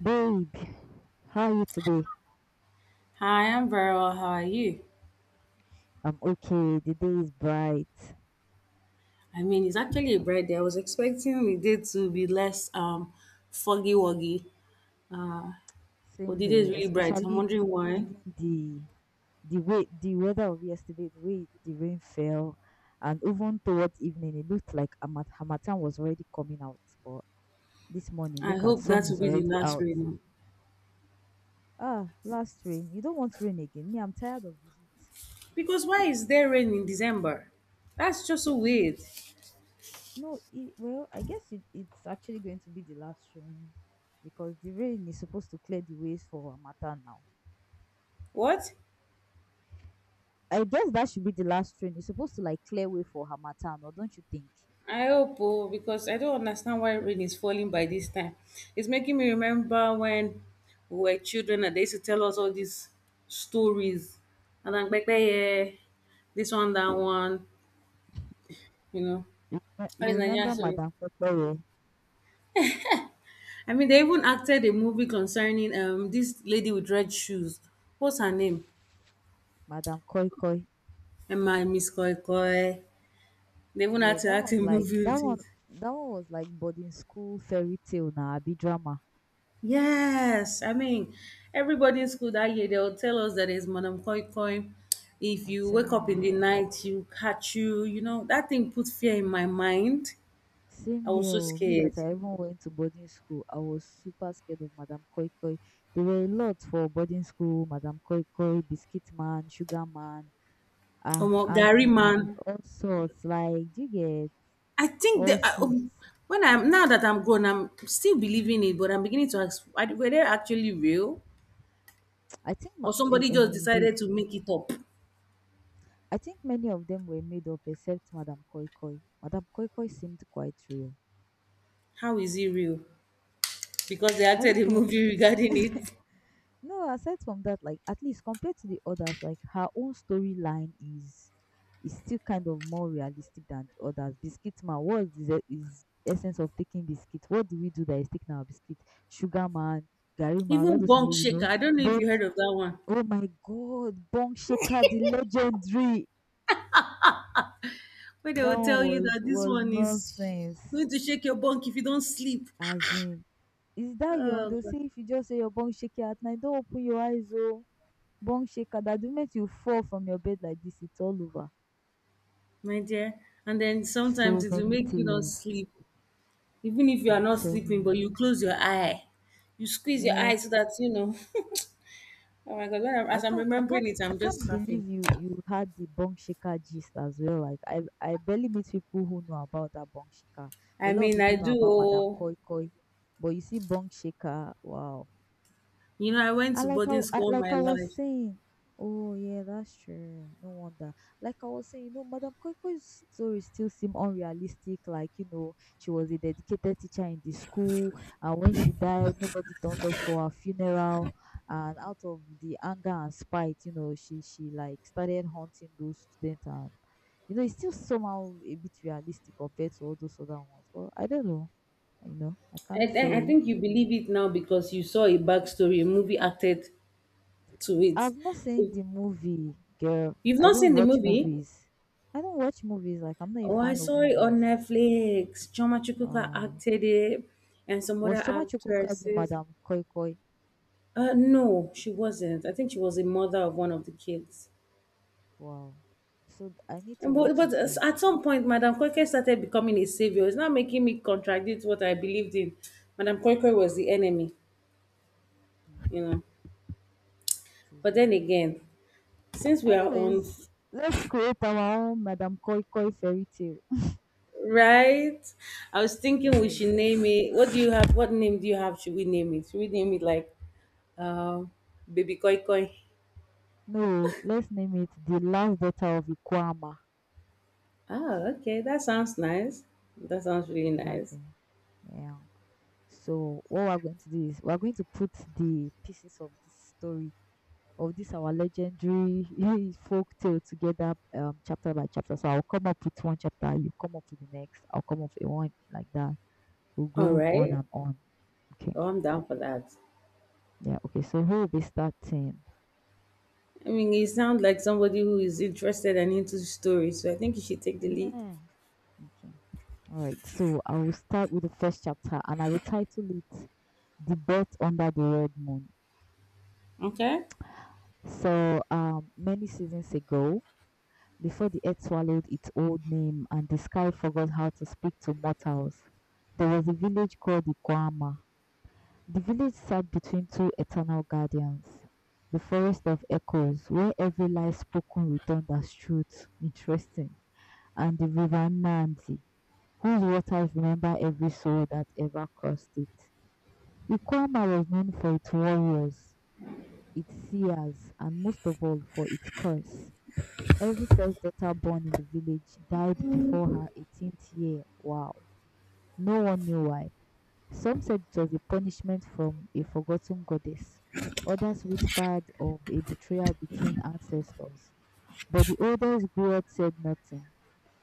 Babe, how are you today? Hi, I'm very well. How are you? I'm okay. The day is bright. I mean, it's actually a bright day. I was expecting the day to be less foggy woggy. Uh, but Same the day is here, really bright. I'm especially wondering why. given the way the weather of yesterday, the way the rain fell, and even towards evening, it looked like Hamatan was already coming out. But this morning, I look at hope sun that will is be the already last out. rain. Ah, last rain. You don't want rain again. Me, I'm tired of the heat. Because why is there rain in December? That's just so weird. No, it, well, I guess it's actually going to be the last rain because the rain is supposed to clear the ways for Hamatan now. What? I guess that should be the last train. It's supposed to like clear way for Harmattan, or don't you think? I hope, oh, because I don't understand why rain is falling by this time. It's making me remember when we were children and they used to tell us all these stories. And I'm like, yeah, this one, that one. you know You all these Nigerian remember series. Madam Kokoye, I mean, they even acted a movie concerning this lady with red shoes. What's her name? Madam Koi Koi? Emma Miss Koi Koi. They even had Yeah, to that act a was like movie that with one. it. That one was like boarding school fairy tale now, be drama. Yes, I mean, everybody in school that year they'll tell us that it's Madam Koi Koi. If I'm you wake telling up in the you. night, you catch you. You know that thing put fear in my mind. Same I was here. so Oh, Me scared. that I even went to boarding school, I was super scared of Madam Koi Koi. There were a lot for boarding school. Madam Koi Koi, Biscuit Man, Sugar Man, Oh, Ant Gary Man, man, all sorts. Like, do you get I think all the I, sorts? when I'm now that I'm grown, I'm still believing it, but I'm beginning to ask: were they actually real, I think ma- or eh, somebody just um, the, decided to make it up? I think many of them were made up except Madame Koi Koi. Madame Koi Koi seemed quite real. How is it real? Because they I acted don't a know movie this. regarding it. No, aside from that, like at least compared to the others, like her own storyline is still kind of more realistic than the others. Biscuit Man, what is the is essence of taking biscuit? What do we do that is taking our biscuit? Sugar Man, Gary Man, all Even those people, Bonk you Shaker. know. I don't know if But you heard of that one, oh my God, Bong Shaker, the legendary. where they That will one tell you was that this was one is nonsense. going to shake your bunk if you don't sleep. As in, is that your own? Oh, They'll God, say if you just say your bong shaky at night, don't open your eyes, oh, bong shaker. That the moment you fall from your bed like this, it's all over. my dear. And then sometimes So it will many make you not tales. sleep, even if you are I'm not telling sleeping, but you, you close your eye, you squeeze your eye man. so that you know. Oh my god, when I'm, as I'm remembering it, I I'm just can't laughing. believe you. You had the bong shaker gist as well. I barely meet people who know about that bong shaker. I A lot of mean, I people know do. about Madam Oh, Koi Koi, but you see bong shaker. Wow. I went I to like boarding how I, school all like my I was life. saying. Oh yeah, that's true. No wonder. Like I was saying, you know, Madam Koiko's story still seem unrealistic. Like you know, she was a dedicated teacher in the school, and when she died, nobody turned up for her funeral. And out of the anger and spite, you know, she like started haunting those students, and you know, it's still somehow a bit realistic compared to all those other ones. But I don't know. You know, I can't I say. think you believe it now because you saw a backstory, a movie acted to it. I've not If seen the movie, girl. you've I not don't seen the watch movie, movies. I don't watch movies. Like I'm not a oh, I fan of saw it on movies. Netflix. Choma Chukuka Oh, acted it, and some other was Choma Chukwuka the actresses. Madam Koi Koi? No, she wasn't. I think she was the mother of one of the kids. Wow. I need to But, watch but it then. at some point, Madam Koike started becoming a savior. It's now making me contradict what I believed in. Madam Koike was the enemy, you Hmm, know. it is But then well. again, since we are on, Anyways, let's create our own Madam Koi Koi fairy tale. right? I was thinking we Right. should name it. What do you have? What name do you have? Should we name it? Should we name it like um, Baby Koi Koi? No, let's name it The Last Daughter of Ikwama. Oh, okay. That sounds nice. That sounds really nice. Exactly. Yeah. So what we're going to do is we're going to put the pieces of this story of this our legendary folk tale together chapter by chapter. So I'll come up with one chapter, you come up with the next, I'll come up with one like that. We'll All go on right. and on. Okay. Oh, I'm down for that. Yeah, okay. So who will be starting? I mean, you sound like somebody who is interested and into stories, so I think you should take the lead. Yeah. Okay. All right. So I will start with the first chapter and I will title it The Birth Under the Red Moon. Okay? So many seasons ago, before the earth swallowed its old name and the sky forgot how to speak to mortals, there was a village called the village sat between two eternal guardians, the forest of echoes, where every lie spoken returned as truth. Interesting. And the river Nandi, whose waters remember every soul that ever crossed it. Ikwama was known for its warriors, its seers, and most of all for its curse. Every first daughter born in the village died before her 18th year. Wow. No one knew why. Some said it was a punishment from a forgotten goddess. Others whispered of a betrayal between ancestors. But the oldest griot said nothing,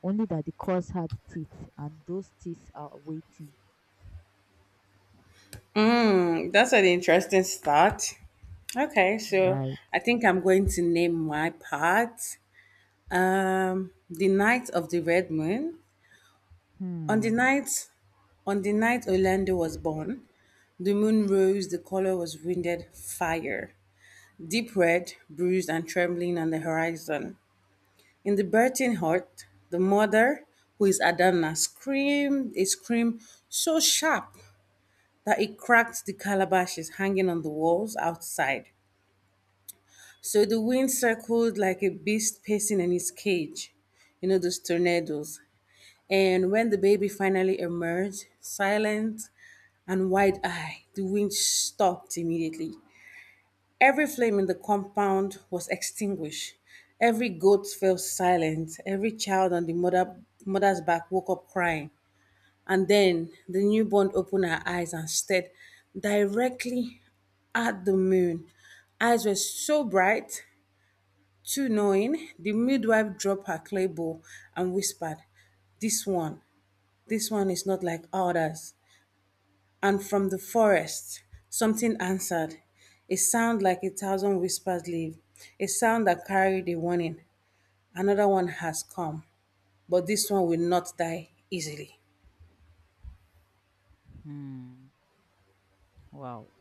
only that the curse had teeth, and those teeth are waiting. Mm, that's an interesting start. Okay, so Right. I think I'm going to name my part The Night of the Red Moon. On the Hmm. night on the night Orlando was born, the moon rose, the color was winded fire, deep red, bruised and trembling on the horizon. In the birthing hut, the mother, who is Adana, screamed a scream so sharp that it cracked the calabashes hanging on the walls outside. So the wind circled like a beast pacing in its cage, you know, those tornadoes. And when the baby finally emerged, silent and wide eyed, the wind stopped immediately. Every flame in the compound was extinguished. Every goat fell silent. Every child on the mother's back woke up crying. And then the newborn opened her eyes and stared directly at the moon. Eyes were so bright, too knowing. The midwife dropped her clay bowl and whispered, "This one, this one is not like others." And from the forest, something answered, a sound like a thousand whispers leave, a sound that carried a warning. "Another one has come, but this one will not die easily." Hmm. Wow.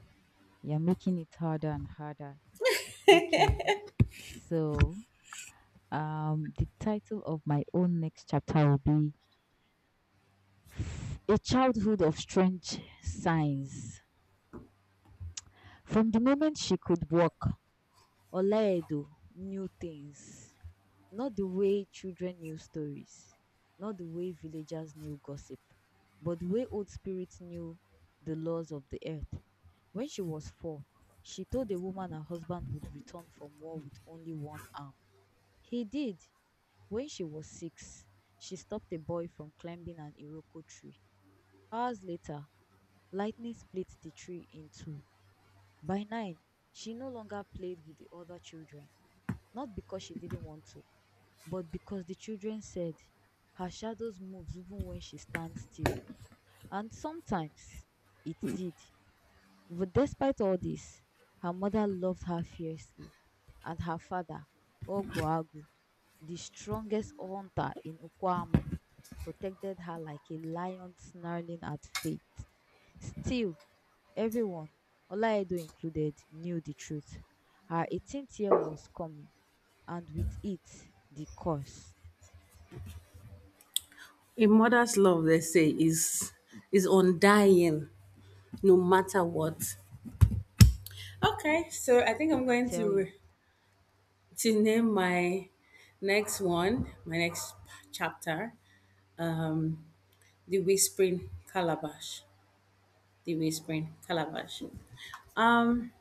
You're making it harder and harder. Okay. So, the title of my own next chapter will be A Childhood of Strange Signs. From the moment she could walk, Olaedo knew things. Not the way children knew stories, not the way villagers knew gossip, but the way old spirits knew the laws of the earth. When she was four, she told a woman her husband would return from war with only one arm. He did. When she was six, she stopped a boy from climbing an Iroko tree. Hours later, lightning split the tree in two. By nine, she no longer played with the other children, not because she didn't want to, but because the children said her shadows moves even when she stands still. And sometimes it did. But despite all this, her mother loved her fiercely, and her father, Ogboagu, the strongest hunter in Ukwama, protected her like a lion snarling at fate. Still, everyone, Olaedo included, knew the truth. Her 18th year was coming, and with it, the curse. A mother's love, they say, is undying, no matter what. Okay, so I think I'm I going tell you. to name my next chapter, um, the whispering calabash, the whispering calabash. Um.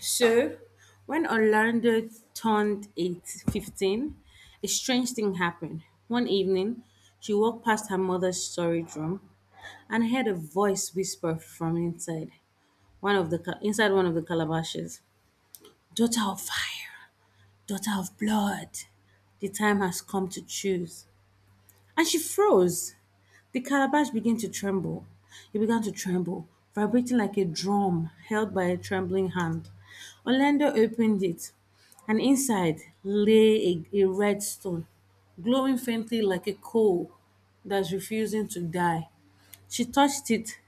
So, when Orlando turned eight fifteen, a strange thing happened. One evening, she walked past her mother's storage room and heard a voice whisper from inside one of the calabashes, "Daughter of fire, daughter of blood, the time has come to choose." And she froze. The calabash began to tremble. It began to tremble, vibrating like a drum held by a trembling hand. Orlando opened it, and inside lay a red stone, glowing faintly like a coal that's refusing to die. She touched it,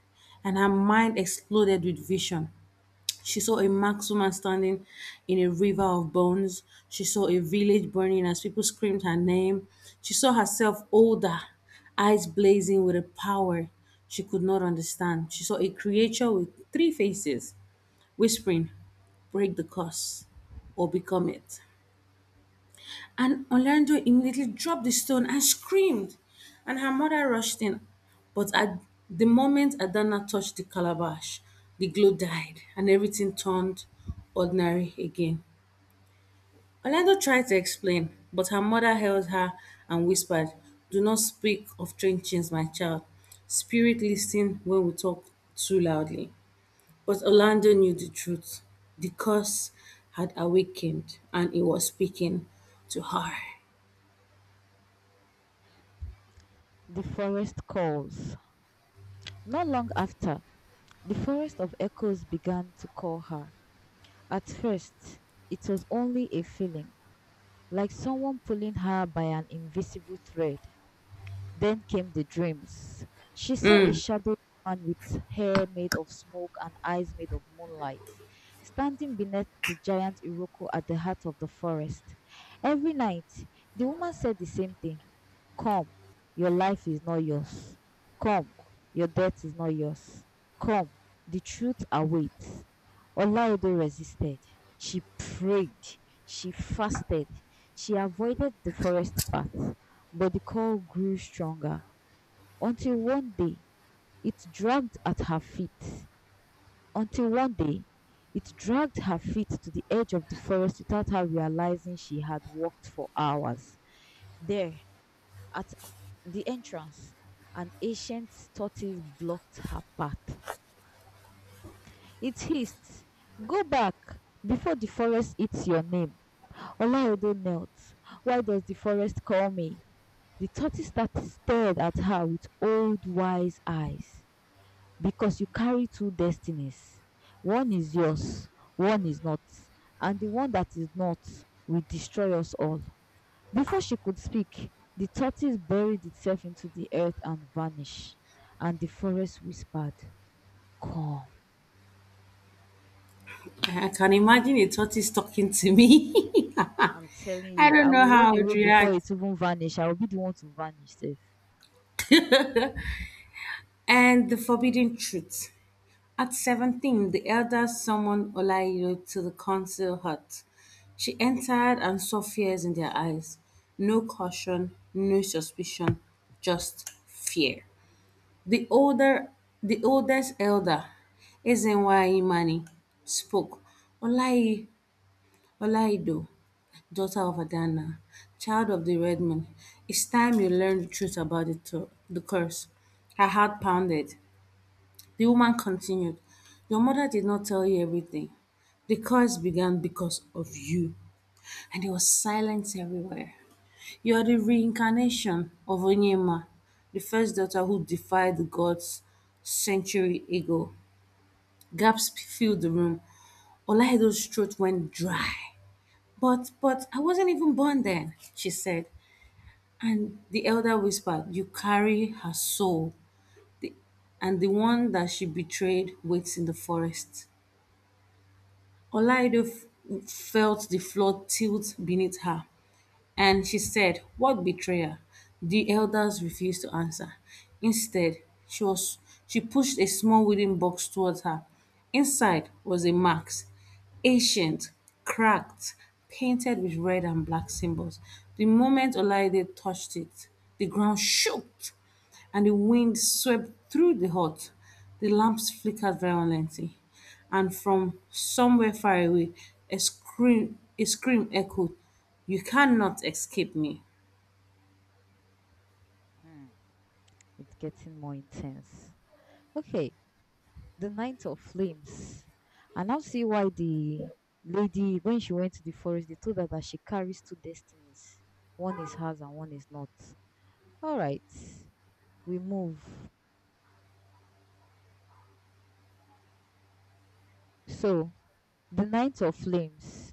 and her mind exploded with vision. She saw a marked woman standing in a river of bones. She saw a village burning as people screamed her name. She saw herself older, eyes blazing with a power she could not understand. She saw a creature with three faces, whispering, "Break the curse or become it," and Orlando immediately dropped the stone and screamed, and her mother rushed in. But at the moment Adana touched the calabash, the glow died and everything turned ordinary again. Orlando tried to explain, but her mother held her and whispered, "Do not speak of changes, my child. Spirit listen when we talk too loudly." But Orlando knew the truth. The curse had awakened and it was speaking to her. The forest calls. Not long after, the forest of echoes began to call her. At first, it was only a feeling, like someone pulling her by an invisible thread. Then came the dreams. She saw a shadowy man with hair made of smoke and eyes made of moonlight, standing beneath the giant Iroko at the heart of the forest. Every night, the woman said the same thing: Come, your life is not yours. Come, your death is not yours. Come, the truth awaits. Olaodo resisted. She prayed. She fasted. She avoided the forest path, but the call grew stronger until one day it dragged at her feet. Until one day it dragged her feet to the edge of the forest without her realizing she had walked for hours. There, at the entrance, an ancient tortoise blocked her path. It hissed, Go back before the forest eats your name. Olayodo knelt. Why does the forest call me? The tortoise that stared at her with old wise eyes. Because you carry two destinies. One is yours, one is not, and the one that is not will destroy us all. Before she could speak, the tortoise buried itself into the earth and vanished, and the forest whispered, Come. I can imagine a tortoise talking to me. I'm telling I you, don't I know will how I run would away before react. it even vanish. I will be the one to vanish. Safe. And the forbidden truth. At 17, the elder summoned Olayo to the council hut. She entered and saw fears in their eyes. No caution, no suspicion, just fear. The older, the oldest elder, Ezenwa Imani, spoke. "Olayi, Olaido, daughter of Adana, child of the red moon. It's time you learned the truth about the curse." Her heart pounded. The woman continued, "Your mother did not tell you everything. The curse began because of you." And there was silence everywhere. "You are the reincarnation of Onyema, the first daughter who defied the gods century ago." Gaps filled the room. Olaido's throat went dry. But I wasn't even born then," she said. And the elder whispered, "You carry her soul, and the one that she betrayed waits in the forest." Olaido felt the floor tilt beneath her, and she said, "What betrayer?" The elders refused to answer. Instead, she, was, she pushed a small wooden box towards her. Inside was a mask, ancient, cracked, painted with red and black symbols. The moment Olaide touched it, the ground shook and the wind swept through the hut. The lamps flickered violently, and from somewhere far away, a scream echoed, "You cannot escape me." Hmm. It's getting more intense. Okay, The Knight of Flames. I now see why the lady, when she went to the forest, they told her that she carries two destinies. One is hers and one is not. All right, we move. So, the Knight of Flames.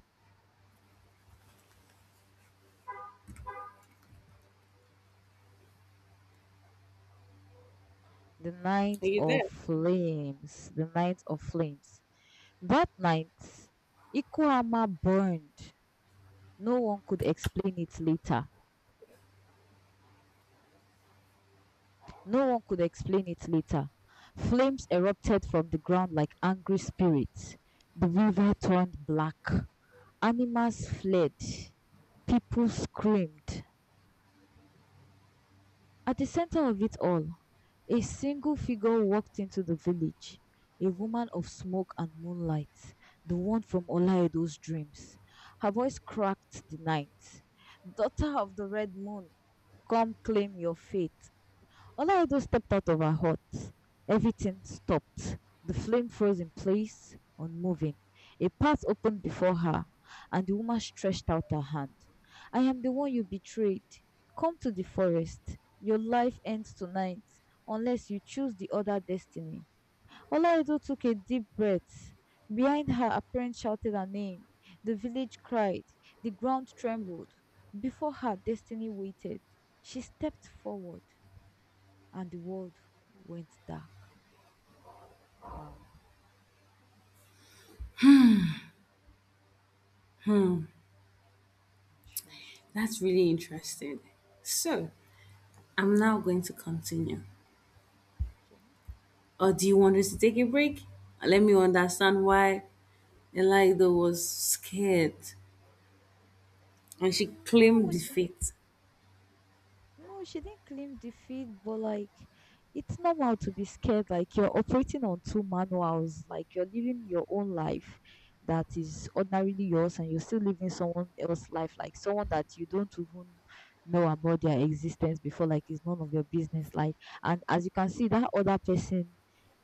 Are you there? The Knight of Flames. That night, Ikuama burned. No one could explain it later. No one could explain it later. Flames erupted from the ground like angry spirits. The river turned black. Animals fled. People screamed. At the center of it all, a single figure walked into the village, a woman of smoke and moonlight, the one from Olaedo's dreams. Her voice cracked the night. Daughter of the red moon, come claim your fate. Olaido stepped out of her hut. Everything stopped. The flame froze in place, unmoving. A path opened before her, and the woman stretched out her hand. I am the one you betrayed. Come to the forest. Your life ends tonight unless you choose the other destiny. Olaido took a deep breath. Behind her, a parent shouted her name. The village cried. The ground trembled. Before her, destiny waited. She stepped forward and the world went dark. Wow, interesting. That's really interesting. So, I'm now going to continue. Okay. Or do you want us to take a break? Let me understand why Elida was scared and she Mm, I claimed would, defeat. no, she didn't claim defeat, but like it's normal to be scared. Like you're operating on two manuals, like you're living your own life that is ordinarily yours, and you're still living someone else's life, like someone that you don't even know about their existence before, like it's none of your business. Like, and as you can see, that other person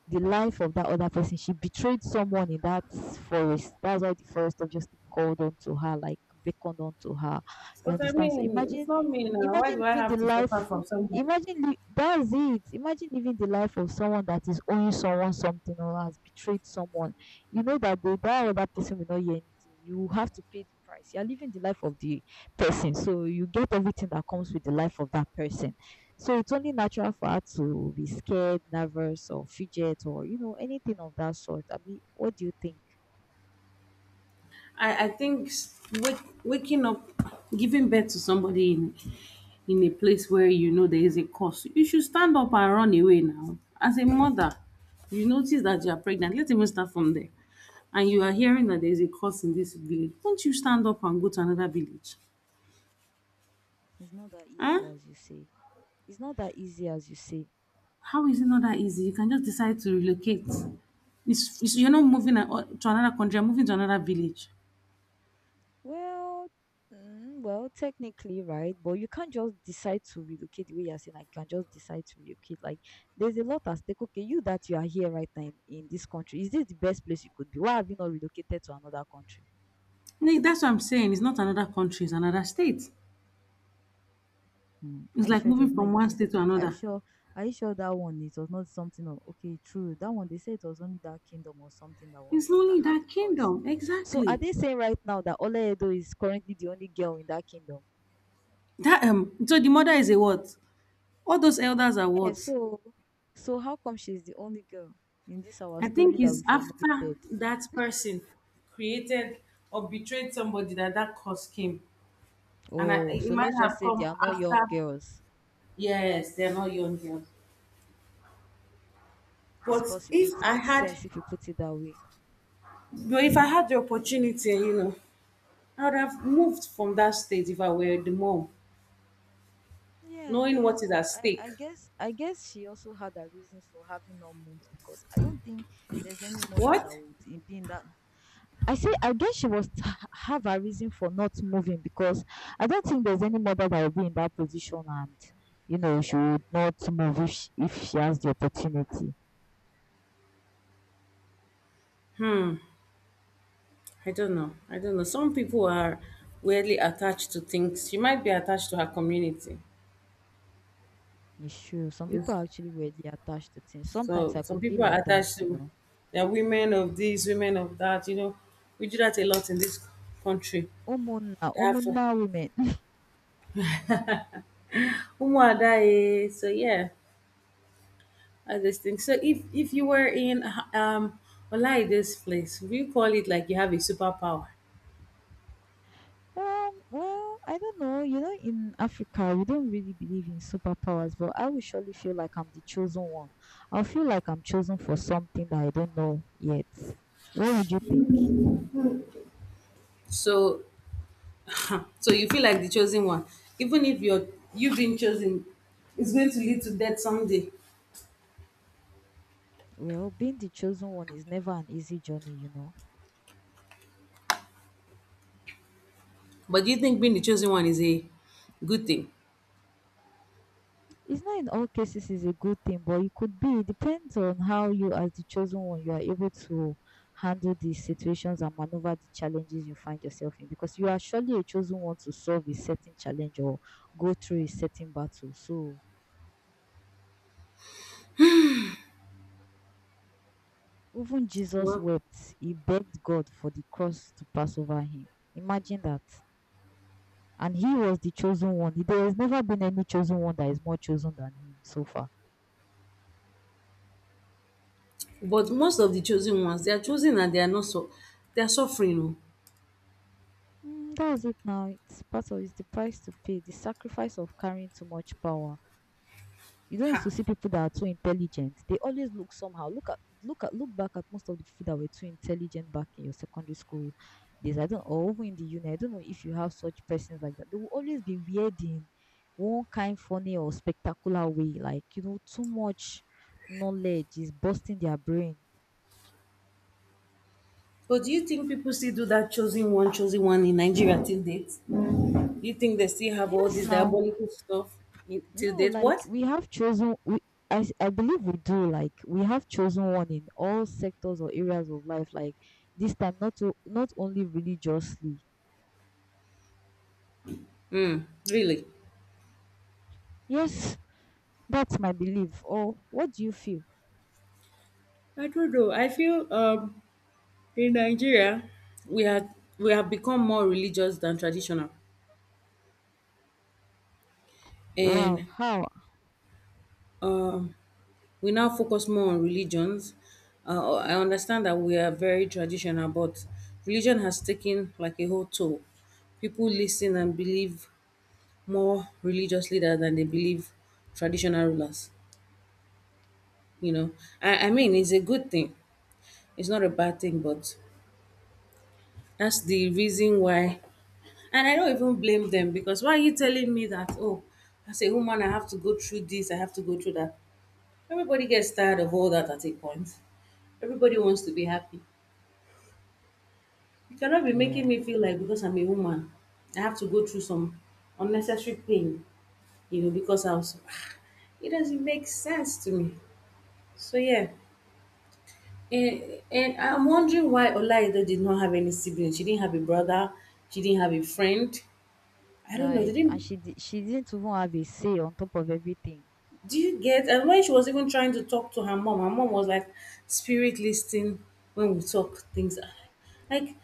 the life of that other person. She betrayed someone in that forest. That's why the forest obviously called onto her, like beckoned onto her. You But I understand? So mean, it's imagine, not me now. Why imagine do I living the have to suffer life. from someone? That's it. Imagine living the life of someone that is owing someone something or has betrayed someone. You know that the that other person will not hear anything. You have to pay the price. You are living the life of the person, so you get everything that comes with the life of that person. So it's only natural for her to be scared, nervous, or fidget, or anything of that sort. I mean, what do you think? I think s- wake, Waking up, giving birth to somebody in a place where you know there is a cause, you should stand up and run away now. As a mother, you notice that you are pregnant. Let's even start from there. And you are hearing that there is a cause in this village. Don't you stand up and go to another village? It's not that Huh? easy as you say. It's not that easy as you say. How is it not that easy? You can just decide to relocate. You're not Mm. moving a- to another country, you're moving to another village. Well, technically, right? But you can't just decide to relocate the way you're saying. I can just decide to relocate. Like, there's a lot at stake. Okay, you that you are here right now in this country, is this the best place you could be? Why have you not relocated to another country? Like, that's what I'm saying. It's not another country, it's another state. Hmm, It's are you like sure it was moving not from one 18? state to Are you another. sure? Are you sure that one it was not something? Of, okay, true. That one they say it was only that kingdom or something that It's was that only had the that curse. kingdom. So are Exactly. they saying right now that Ola Edo is currently the only girl in that kingdom? That so the mother is a what? All those elders are Yeah. what? So how come she's the only girl in this our I think story that it's we after formulated? that person created or betrayed somebody that that curse came. And I, Oh, it so might let's just have say come they are not after young girls. yes, they're not young girls. It's But possible. if It I makes had sense if you put it that way. but if I had the opportunity, you know, I would have moved from that state if I were the mom, Yeah, I knowing guess, what is but at I, stake. I guess I guess she also had her reasons for having not moved because I don't think there's any mother that What? would be in that. I say I guess she was have a reason for not moving because I don't think there's any mother that will be in that position and you know she would not move if if she has the opportunity. I don't know. I don't know. Some people are weirdly attached to things. She might be attached to her community. It's true. Some Yes. people are actually weirdly attached to things. Sometimes So I some could be people are like that, attached you to know. they are women of this, women of that. You know, we do that a lot in this country. Omuna, They have to- omuna women. Umuada, eh, so yeah, all these things. So if you were in um like this place, we call it like you have a superpower. Well, I don't know. You know, in Africa, we don't really believe in superpowers, but I will surely feel like I'm the chosen one. I'll feel like I'm chosen for something that I don't know yet. What would you think? So so you feel like the chosen one, even if you're you've been chosen, it's going to lead to death someday. Well, being the chosen one is never an easy journey, you know. But do you think being the chosen one is a good thing? It's not in all cases is a good thing, but it could be. It depends on how you, as the chosen one, you are able to handle the situations and maneuver the challenges you find yourself in. Because you are surely a chosen one to solve a certain challenge or go through a certain battle. So even Jesus Well, wept. He begged God for the cross to pass over him. Imagine that. And he was the chosen one. There has never been any chosen one that is more chosen than him so far. but most of the chosen ones, they are chosen and they are not so they are suffering. Oh. Mm, that's it now. It's part of it's the price to pay, the sacrifice of carrying too much power. You don't used Ha. to see people that are too intelligent. They always look somehow. Look back at most of the people that were too intelligent back in your secondary school days. I don't or even in the uni. I don't know if you have such persons like that. They will always be weird in one kind funny or spectacular way. Like, you know, too much knowledge is busting their brain. But do you think people still do that chosen one in Nigeria till date? Do you think they still have all Yes this now. diabolical stuff in, till No, date? like What? we have chosen, I believe we do, like we have chosen one in all sectors or areas of life, like this time not only religiously. Hmm. Really? Yes, that's my belief. Or what do you feel? I don't know. I feel in Nigeria, we are we have become more religious than traditional. And Wow, how? um we now focus more on religions. I understand that we are very traditional, but religion has taken like a whole toll. People listen and believe more religious leaders than they believe traditional rulers. You know, I mean, it's a good thing. It's not a bad thing, but that's the reason why. And I don't even blame them because why are you telling me that? Oh, as a woman, I have to go through this. I have to go through that. Everybody gets tired of all that at a point. Everybody wants to be happy. You cannot be making Yeah. me feel like because I'm a woman, I have to go through some unnecessary pain, you know, because I was. It doesn't make sense to me. So yeah, and I'm wondering why Olaido did not have any siblings. She didn't have a brother. She didn't have a friend. I don't know. They Like, and didn't. she she didn't even have a say on top of everything. Do you get? And when she was even trying to talk to her mom was like, "Spirit listening when we talk things." Like,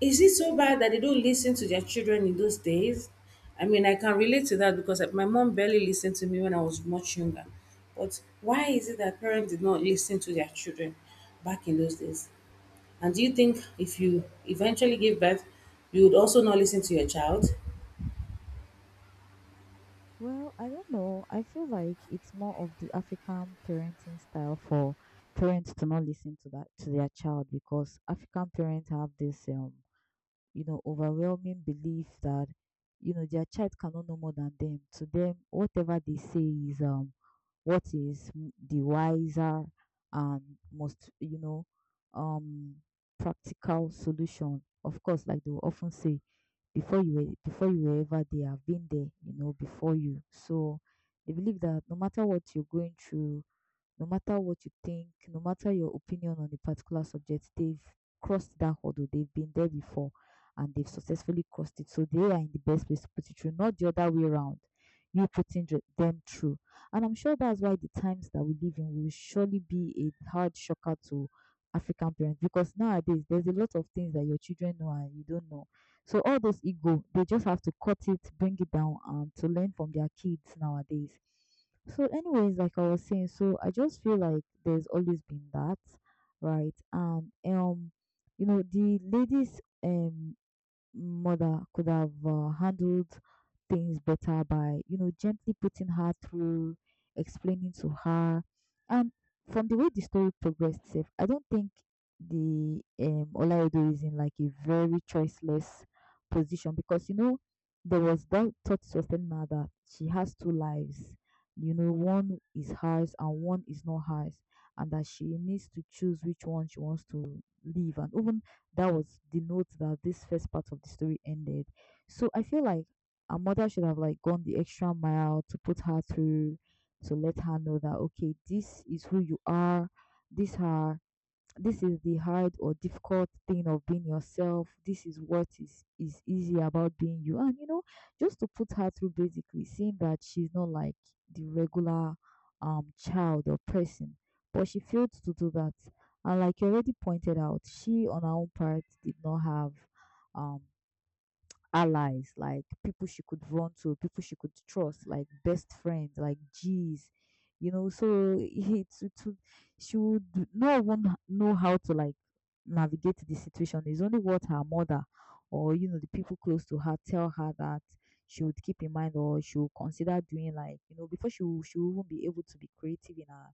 is it so bad that they don't listen to their children in those days? I mean, I can relate to that because like, my mom barely listened to me when I was much younger. But why is it that parents did not listen to their children back in those days? And do you think if you eventually give birth, you would also not listen to your child? Well, I don't know. I feel like it's more of the African parenting style for parents to not listen to that to their child because African parents have this you know, overwhelming belief that, you know, their child cannot know more than them. To them, whatever they say is what is the wiser and most, you know, um practical solution. Of course, like they will often say, before you were ever there, I've been there, you know, before you. So they believe that no matter what you're going through, no matter what you think, no matter your opinion on a particular subject, they've crossed that hurdle. They've been there before and they've successfully crossed it. So they are in the best place to put it through, not the other way around. You putting them through. And I'm sure that's why the times that we live in will surely be a hard shocker to African parents because nowadays there's a lot of things that your children know and you don't know. So all those ego, they just have to cut it, bring it down, to learn from their kids nowadays. So, anyways, like I was saying, so I just feel like there's always been that, right? And you know, the ladies mother could have handled things better by, you know, gently putting her through, explaining to her. And from the way the story progressed, safe, I don't think the Olaedo is in like a very choiceless position because, you know, there was that thought was telling her that she has two lives. You know, one is hers and one is not hers, and that she needs to choose which one she wants to live. And even that was the note that this first part of the story ended. So I feel like a mother should have like gone the extra mile to put her through, to let her know that okay, this is who you are, these are this is the hard or difficult thing of being yourself. This is what is easy about being you. And you know, just to put her through basically seeing that she's not like the regular child or person, but she failed to do that. And like you already pointed out, she on her own part did not have um allies, like people she could run to, people she could trust, like best friends, like G's, you know. So it would, she would not even know how to like navigate the situation. It's only what her mother or you know the people close to her tell her that she would keep in mind or she would consider doing like you know before she will even be able to be creative in her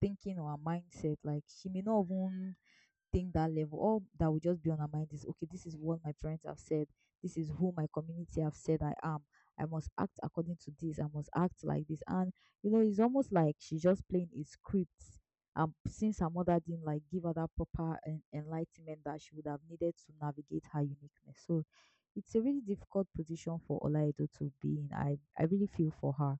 thinking or her mindset like she may not even think that level. All that will just be on our mind is okay, this is what my parents have said, this is who my community have said I am. I must act according to this, I must act like this. And you know, it's almost like she's just playing a script. Since her mother didn't like give her that proper enlightenment that she would have needed to navigate her uniqueness. So it's a really difficult position for Olaido to be in. I really feel for her.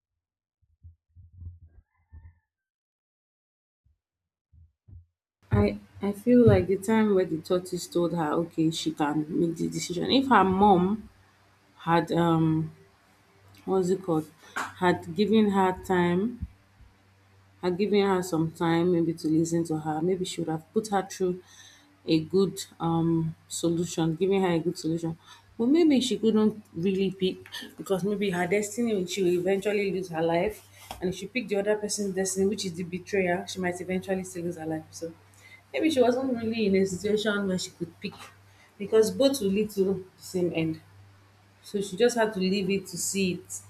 I feel like the time where the tortoise told her, okay, she can make the decision. If her mom had what's it called, had given her time, had given her some time maybe to listen to her, maybe she would have put her through a good solution, giving her a good solution, but maybe she couldn't really pick because maybe her destiny, she will eventually lose her life, and if she picked the other person's destiny, which is the betrayer, she might eventually still lose her life. So maybe she wasn't really in a situation where she could pick because both will lead to the same end. So she just had to leave it to see it,